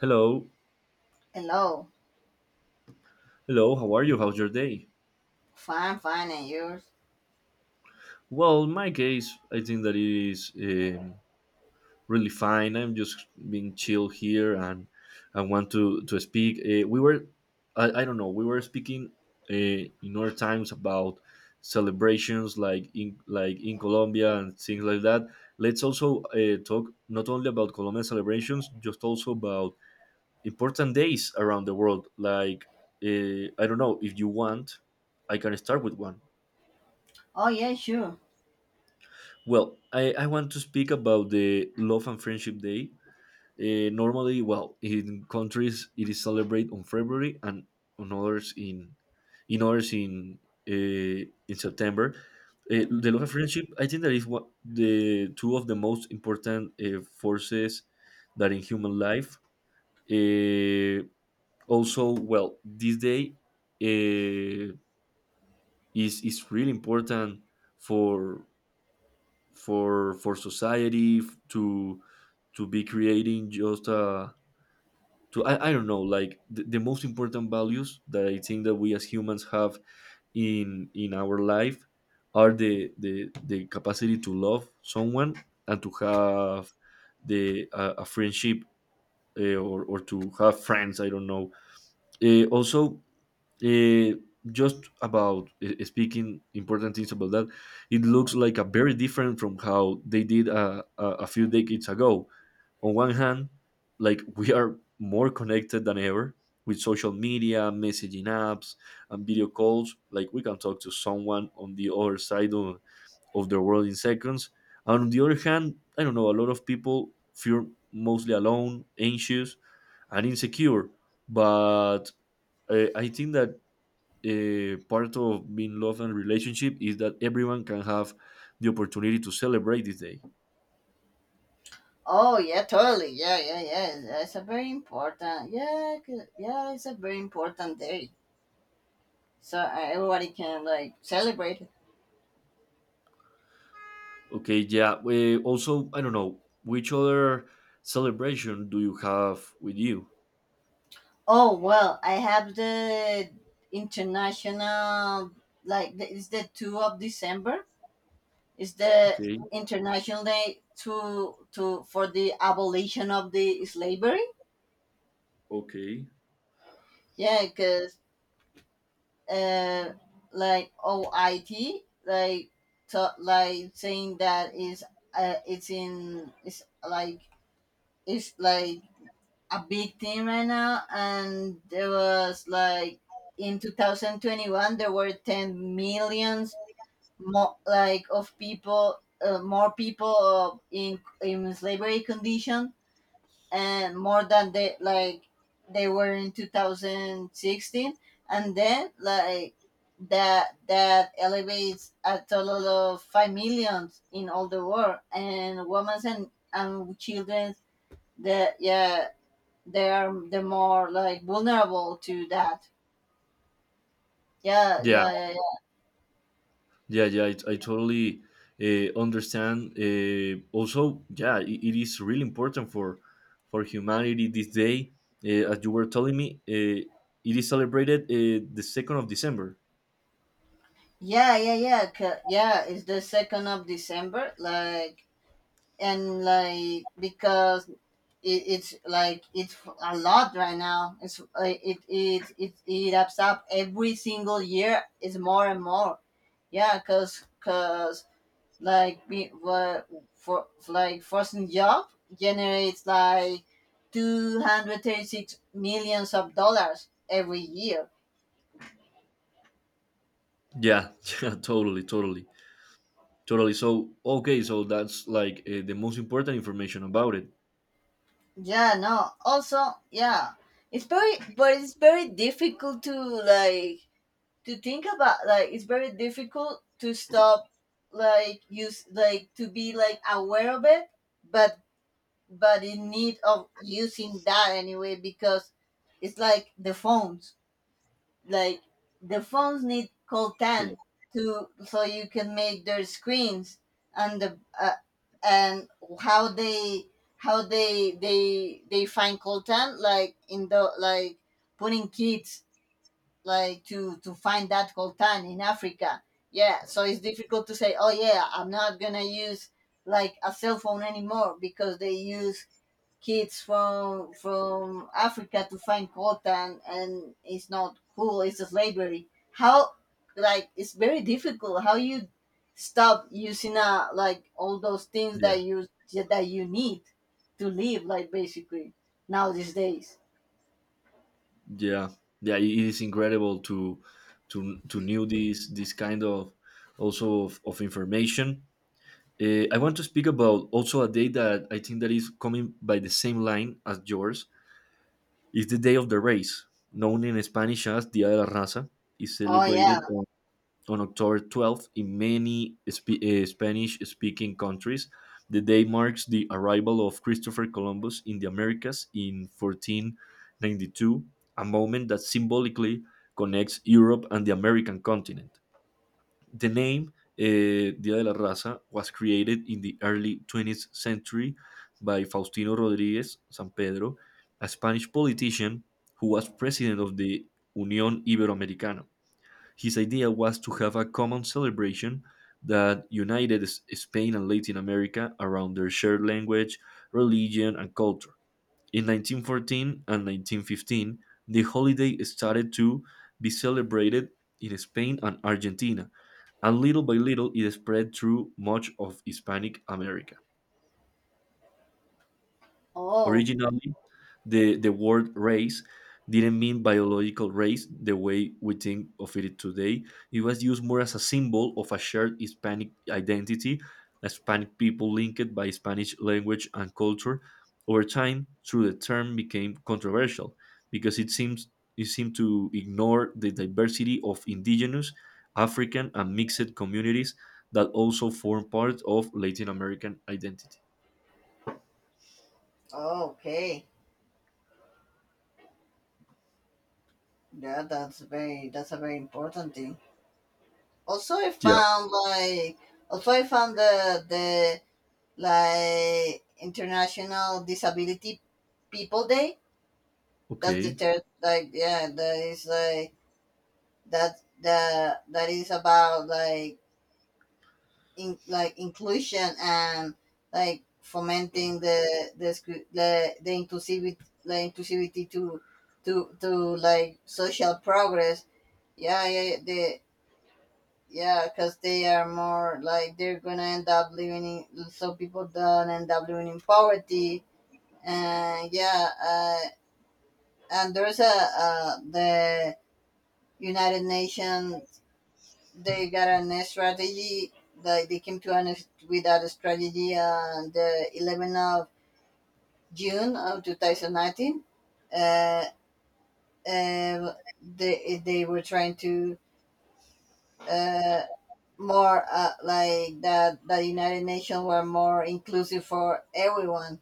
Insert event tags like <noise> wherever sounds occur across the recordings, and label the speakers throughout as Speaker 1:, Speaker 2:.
Speaker 1: Hello,
Speaker 2: Hello.
Speaker 1: hello. How are you? How's your day?
Speaker 2: Fine, fine, and yours?
Speaker 1: Well, in my case, I think that it is really fine. I'm just being chill here, and I want to speak. I don't know, we were speaking in other times about celebrations like in Colombia and things like that. Let's also talk not only about Colombian celebrations, just also about important days around the world. Like I don't know if you want, I can start with one.
Speaker 2: Oh, yeah, sure.
Speaker 1: Well, I want to speak about the Love and Friendship Day. Normally, well, in countries it is celebrated on February and on others in others in in September. The Love and Friendship, I think that is what the two of the most important forces that in human life. Uh, also, well, this day uh, is really important for for society to be creating just to I don't know, like the most important values that I think that we as humans have in our life are the capacity to love someone and to have the a friendship or to have friends, I don't know, also. Eh, just about speaking important things about that, it looks like a very different from how they did a few decades ago. On one hand, like <laughs> we are more connected than ever with social media, messaging apps, and video calls. Like we can talk to someone on the other side of the world in seconds. And on the other hand, I don't know, a lot of people feel mostly alone, anxious, and insecure. But I think that part of being love and relationship is that everyone can have the opportunity to celebrate this day.
Speaker 2: Oh, yeah, totally. Yeah, yeah, yeah. It's a very important. Yeah, yeah, it's a very important day. So everybody can, like, celebrate it.
Speaker 1: Okay, yeah. Also, I don't know which other celebration do you have with you?
Speaker 2: Oh, well, I have the international, like, it's the 2nd of December. It's the
Speaker 1: Okay,
Speaker 2: international day for the abolition of the slavery.
Speaker 1: okay,
Speaker 2: Yeah, cause. uh, like OIT, like to, like saying that is uh, it's in it's like it's like a big thing right now, and there was like in 2021 there were 10 millions more like of people, more people in slavery condition, and more than they like they were in 2016. And then like that elevates a total of 5 millions in all the world, and women and children that, yeah, they are the more like vulnerable to that. Yeah,
Speaker 1: yeah.
Speaker 2: yeah, yeah,
Speaker 1: Yeah, yeah, I
Speaker 2: yeah,
Speaker 1: totally understand. Also, yeah, it is really important for humanity this day. As you were telling me, it is celebrated the 2nd of December.
Speaker 2: yeah, yeah, yeah, yeah, it's the 2nd of december, like, and like because it's like it's a lot right now. It's it ups up every single year, it's more and more, yeah, because like be what for like forcing job generates like 236 millions of dollars every year.
Speaker 1: Yeah, <laughs> yeah, totally, totally, totally. So, okay, so that's like the most important information about it.
Speaker 2: Yeah, no, also, yeah, it's very, but it's very difficult to, like, to think about, like, it's very difficult to stop, like, use, like, to be, like, aware of it. But but in need of using that anyway, because it's like the phones, like the phones need
Speaker 1: Okay.
Speaker 2: coltan to, so you can make their screens. And the, and how they how they find coltan, like in the, like, putting kids, like, to find that coltan in Africa. Yeah, so it's difficult to say, oh yeah, I'm not gonna use like a cell phone anymore because they use kids from Africa to find coltan, and it's not cool. It's slavery. How, like, it's very difficult. How you stop using like all those things
Speaker 1: Yeah,
Speaker 2: that you need to live, like, basically now these days.
Speaker 1: yeah, yeah. It is incredible to to knew this kind of also of information. I want to speak about also a day that I think that is coming by the same line as yours. It's the day of the race, known in Spanish as Dia de la Raza. Is
Speaker 2: Oh yeah.
Speaker 1: celebrated on October 12th in many Spanish-speaking countries. The day marks the arrival of Christopher Columbus in the Americas in 1492, a moment that symbolically connects Europe and the American continent. The name, Día de la Raza, was created in the early 20th century by Faustino Rodríguez San Pedro, a Spanish politician who was president of the Unión Iberoamericana. His idea was to have a common celebration that united Spain and Latin America around their shared language, religion, and culture. In 1914 and 1915, the holiday started to be celebrated in Spain and Argentina, and little by little it spread through much of Hispanic America.
Speaker 2: Oh
Speaker 1: Originally, the word race didn't mean biological race the way we think of it today. It was used more as a symbol of a shared Hispanic identity, Hispanic people linked by Spanish language and culture. Over time, through the term became controversial because it seemed to ignore the diversity of indigenous, African, and mixed communities that also form part of Latin American identity.
Speaker 2: Oh, okay. Yeah, that's a very important thing. Also, I
Speaker 1: Yeah.
Speaker 2: found like also I found the like International Disability People Day. That's the
Speaker 1: Okay.
Speaker 2: third, like, yeah, that is like that the that is about, like, in, like, inclusion and like fomenting the scu- the inclusivity to like social progress. Yeah, yeah, the Yeah, because they are more like they're gonna end up living in, so people don't end up living in poverty. And, yeah, and there's a the United Nations. They got an strategy, like, they came to an with that strategy on the 11th of June of 2019. Uh, uh, they were trying to, uh, more, like that the United Nations were more inclusive for everyone,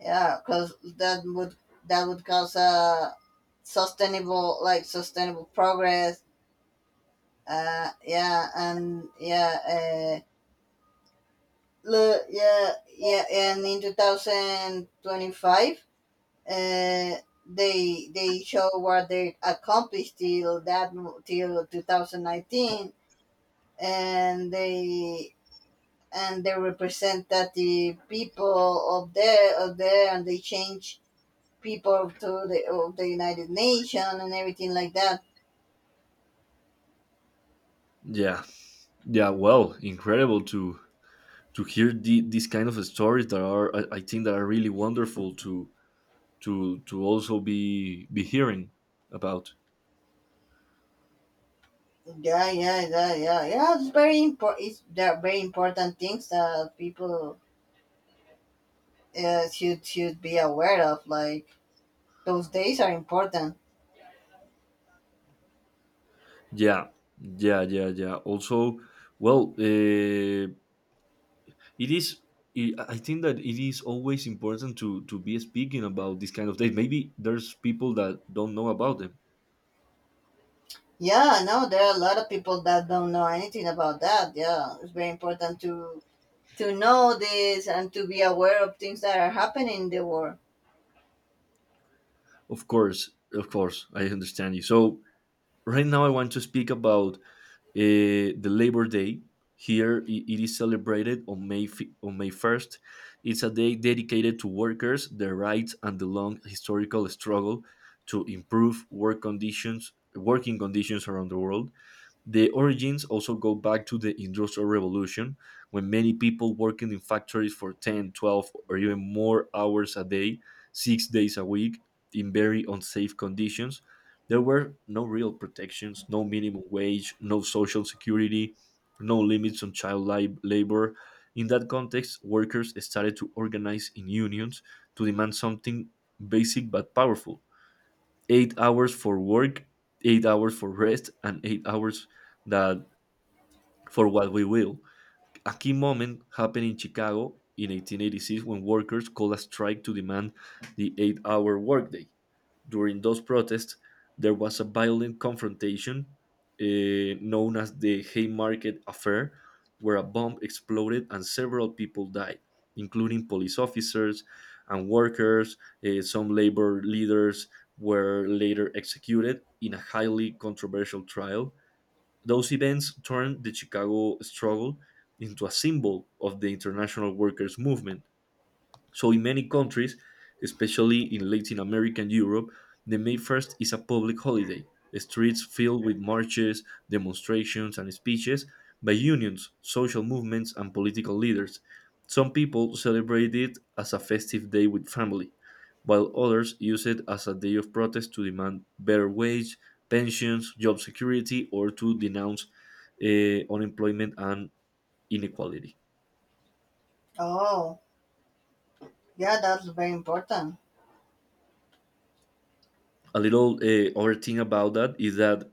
Speaker 2: yeah, because that would cause a sustainable, like, sustainable progress. Uh, yeah, and yeah, look, yeah, yeah, and in 2025 uh they show what they accomplished till that, till 2019, and they and they represent that the people of there, and they change people to the of the United Nations and everything like that.
Speaker 1: Yeah. Yeah, well, incredible to hear these kind of stories that are, I think, that are really wonderful to also be hearing about.
Speaker 2: Yeah, yeah, yeah, yeah, yeah. It's very important. It's there are very important things that people, should be aware of. Like, those days are important.
Speaker 1: Yeah, yeah, yeah, yeah. Also, well, it is. I think that it is always important to be speaking about this kind of things. Maybe there's people that don't know about them.
Speaker 2: Yeah, no, there are a lot of people that don't know anything about that. Yeah, it's very important to know this and to be aware of things that are happening in the world.
Speaker 1: Of course, I understand you. So right now I want to speak about the Labor Day. Here it is celebrated on May 1st. It's a day dedicated to workers, their rights, and the long historical struggle to improve working conditions around the world. The origins also go back to the Industrial Revolution, when many people working in factories for 10, 12, or even more hours a day, 6 days a week, in very unsafe conditions. There were no real protections, no minimum wage, no social security, no limits on child labor. In that context, workers started to organize in unions to demand something basic but powerful: 8 hours for work, 8 hours for rest, and 8 hours that for what we will. A key moment happened in Chicago in 1886 when workers called a strike to demand the 8 hour workday. During those protests, there was a violent confrontation, known as the Haymarket Affair, where a bomb exploded and several people died, including police officers and workers. Some labor leaders were later executed in a highly controversial trial. Those events turned the Chicago struggle into a symbol of the international workers' movement, so, in many countries, especially in Latin America and Europe, the May 1st is a public holiday. Streets filled with marches, demonstrations, and speeches by unions, social movements, and political leaders. Some people celebrate it as a festive day with family, while others use it as a day of protest to demand better wage, pensions, job security, or to denounce unemployment and inequality.
Speaker 2: Oh, yeah, that's very important.
Speaker 1: A little other thing about that is that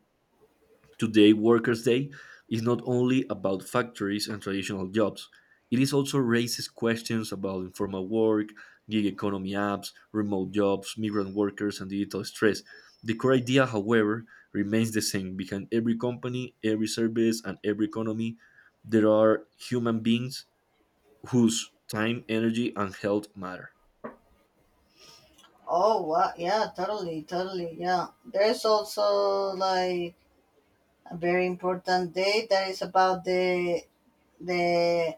Speaker 1: today, Workers' Day is not only about factories and traditional jobs, it is also raises questions about informal work, gig economy apps, remote jobs, migrant workers, and digital stress. The core idea, however, remains the same. Behind every company, every service, and every economy, there are human beings whose time, energy, and health matter.
Speaker 2: Oh, wow. Yeah, totally, totally. Yeah. There's also, like, a very important day that is about the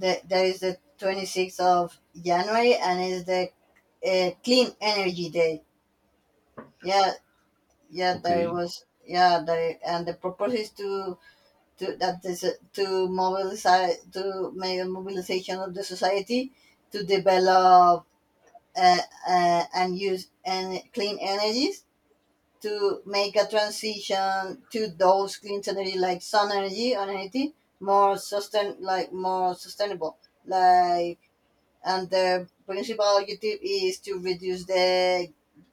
Speaker 2: the that is the 26th of January, and is the clean energy day. Yeah, yeah, there
Speaker 1: Okay.
Speaker 2: was yeah, there, and the purpose is to that is, to mobilize, to make a mobilization of the society to develop, uh, and use clean energies, to make a transition to those clean energy, like sun energy or anything more sustainable, like. And the principal objective is to reduce the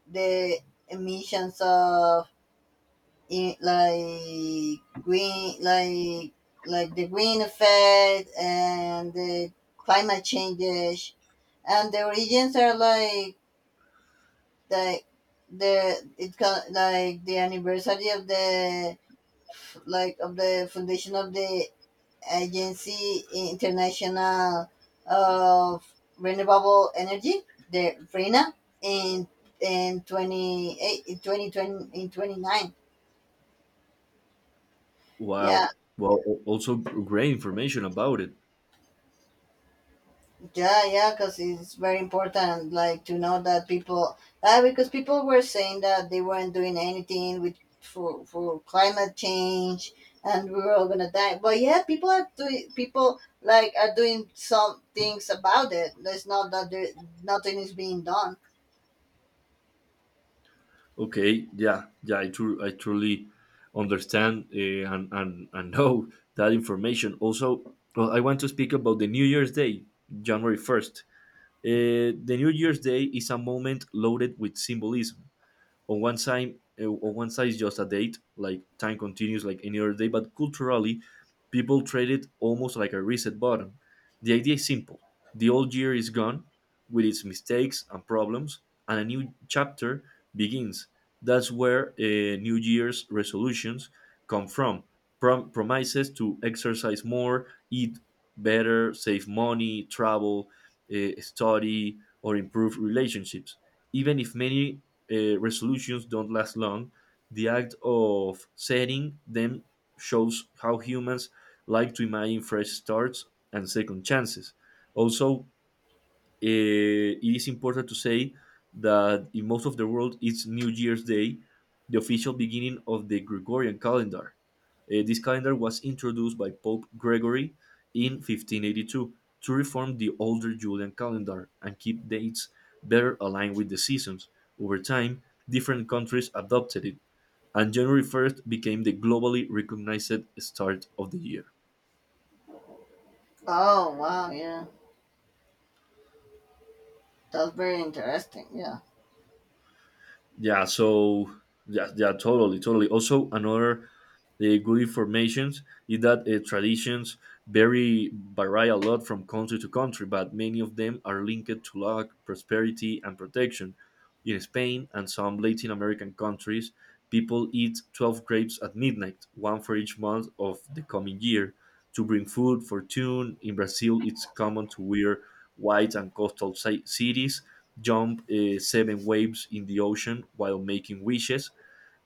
Speaker 2: the emissions of, in, like green, like the green effect, and the climate changes. And the origins are like the it can, like, the anniversary of the, like of the foundation of the agency international of renewable energy, the RENA, in in 28, in 2020, in 29, yeah.
Speaker 1: Wow. Well, also great information about it.
Speaker 2: Yeah, yeah, because it's very important, like, to know that people, because people were saying that they weren't doing anything with for climate change, and we were all gonna die. But yeah, people like are doing some things about it. There's not that, there, nothing is being done.
Speaker 1: Okay, yeah, yeah, I truly understand, and, <laughs> know that information. Also, well, I want to speak about the New Year's Day, January 1st. The New Year's Day is a moment loaded with symbolism. On one side, is just a date, like time continues like any other day, but culturally people treat it almost like a reset button. The idea is simple: the old year is gone with its mistakes and problems, and a new chapter begins. That's where new year's resolutions come from. Promises to exercise more, eat better, save money, travel, study, or improve relationships. Even if many resolutions don't last long, the act of setting them shows how humans like to imagine fresh starts and second chances. Also, it is important to say that in most of the world, it's New Year's Day, the official beginning of the Gregorian calendar. This calendar was introduced by Pope Gregory in 1582 to reform the older Julian calendar and keep dates better aligned with the seasons. Over time, different countries adopted it, and January 1st became the globally recognized start of the year.
Speaker 2: Oh wow, yeah, that's very interesting. Yeah.
Speaker 1: Yeah, so yeah, yeah, totally, totally. Also, another the good informations is that traditions vary a lot from country to country, but many of them are linked to luck, prosperity, and protection. In Spain and some Latin American countries, people eat 12 grapes at midnight, one for each month of the coming year, to bring food, fortune. In Brazil, it's common to wear white and coastal cities jump seven waves in the ocean while making wishes.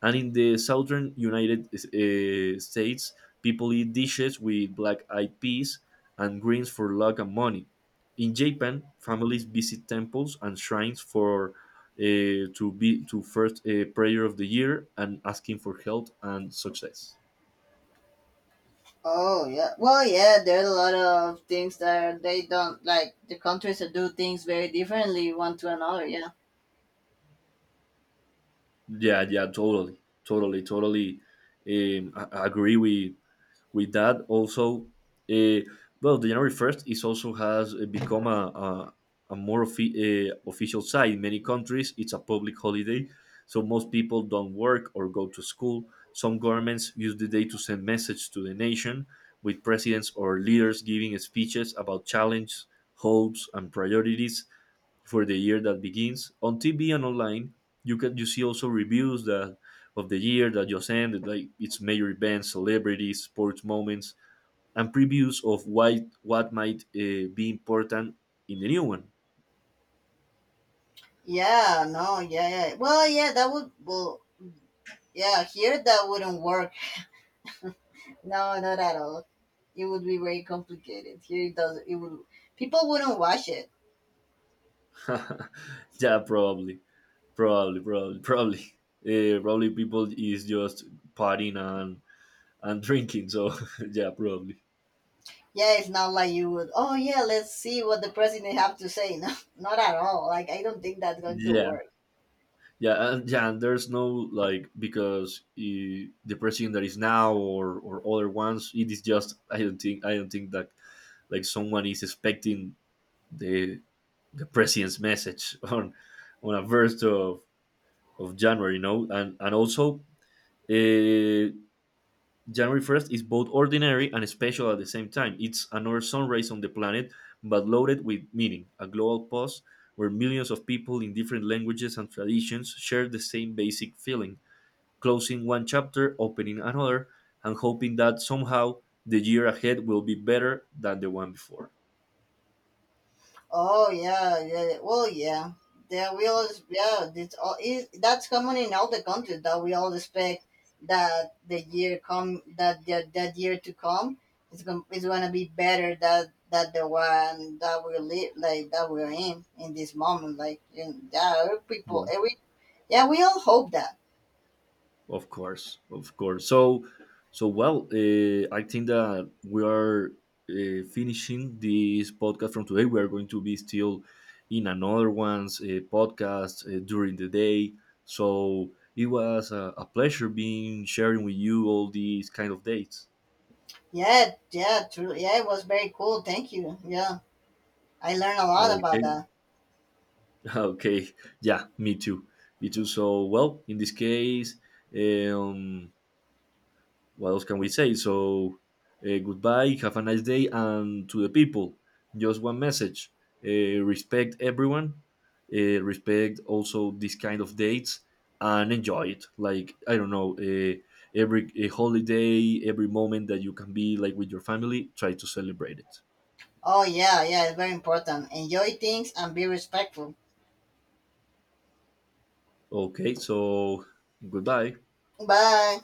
Speaker 1: And in the southern United States, people eat dishes with black eyed peas and greens for luck and money. In Japan, families visit temples and shrines for to be to first prayer of the year and asking for health and success.
Speaker 2: Oh yeah. Well, yeah. There's a lot of things that they don't like. The countries that do things very differently one to another. Yeah.
Speaker 1: Yeah, yeah, totally, totally, totally. I agree with that also. Uh, well, the january 1st is also has become a more official site in many countries. It's a public holiday, so most people don't work or go to school. Some governments use the day to send message to the nation, with presidents or leaders giving speeches about challenges, hopes, and priorities for the year that begins on TV and online. You see also reviews that of the year that just ended, like its major events, celebrities, sports moments, and previews of what might be important in the new one.
Speaker 2: Yeah, no, yeah, yeah. Well, yeah, that would, well, yeah, here that wouldn't work. No, not at all. It would be very complicated. Here it does, it would, people wouldn't watch it.
Speaker 1: <laughs> Yeah, probably, probably, probably, probably. <laughs> Probably people is just partying and drinking. So <laughs> yeah, probably.
Speaker 2: Yeah, it's not like you would, oh, yeah, let's see what the president have to say. <laughs> No, not at all. Like, I don't think that's going to
Speaker 1: Yeah.
Speaker 2: work.
Speaker 1: Yeah, yeah. And there's no like because the president that is now or other ones. It is just I don't think that like someone is expecting the the president's message <laughs> on a first of January. And also uh, January 1st is both ordinary and special at the same time. It's another sunrise on the planet, but loaded with meaning. A global pause where millions of people in different languages and traditions share the same basic feeling, closing one chapter, opening another, and hoping that somehow the year ahead will be better than the one before.
Speaker 2: Oh yeah, yeah, yeah. Well, yeah. There we all, yeah. It's all, it, that's common in all the countries, that we all expect that the year come, that year to come is gonna be better that the one that we live, like, that we're in this moment. Like in that every people
Speaker 1: Yeah.
Speaker 2: every, yeah, we all hope that.
Speaker 1: Of course, of course. So, well, I think that we are finishing this podcast from today. We are going to be still in another one's podcast during the day. So it was a pleasure being sharing with you all these kind of dates.
Speaker 2: Yeah, yeah, truly. Yeah, it was very cool. Thank you. Yeah, I learned a lot about
Speaker 1: Okay,
Speaker 2: that.
Speaker 1: <laughs> okay, yeah, me too, me too. So, well, in this case, um, what else can we say? So, goodbye, have a nice day, and to the people, just one message: respect everyone, respect also this kind of dates, and enjoy it. Like I don't know, every a holiday, every moment that you can be like with your family, try to celebrate it.
Speaker 2: Oh yeah, yeah, it's very important. Enjoy things and be respectful.
Speaker 1: Okay, so goodbye.
Speaker 2: Bye.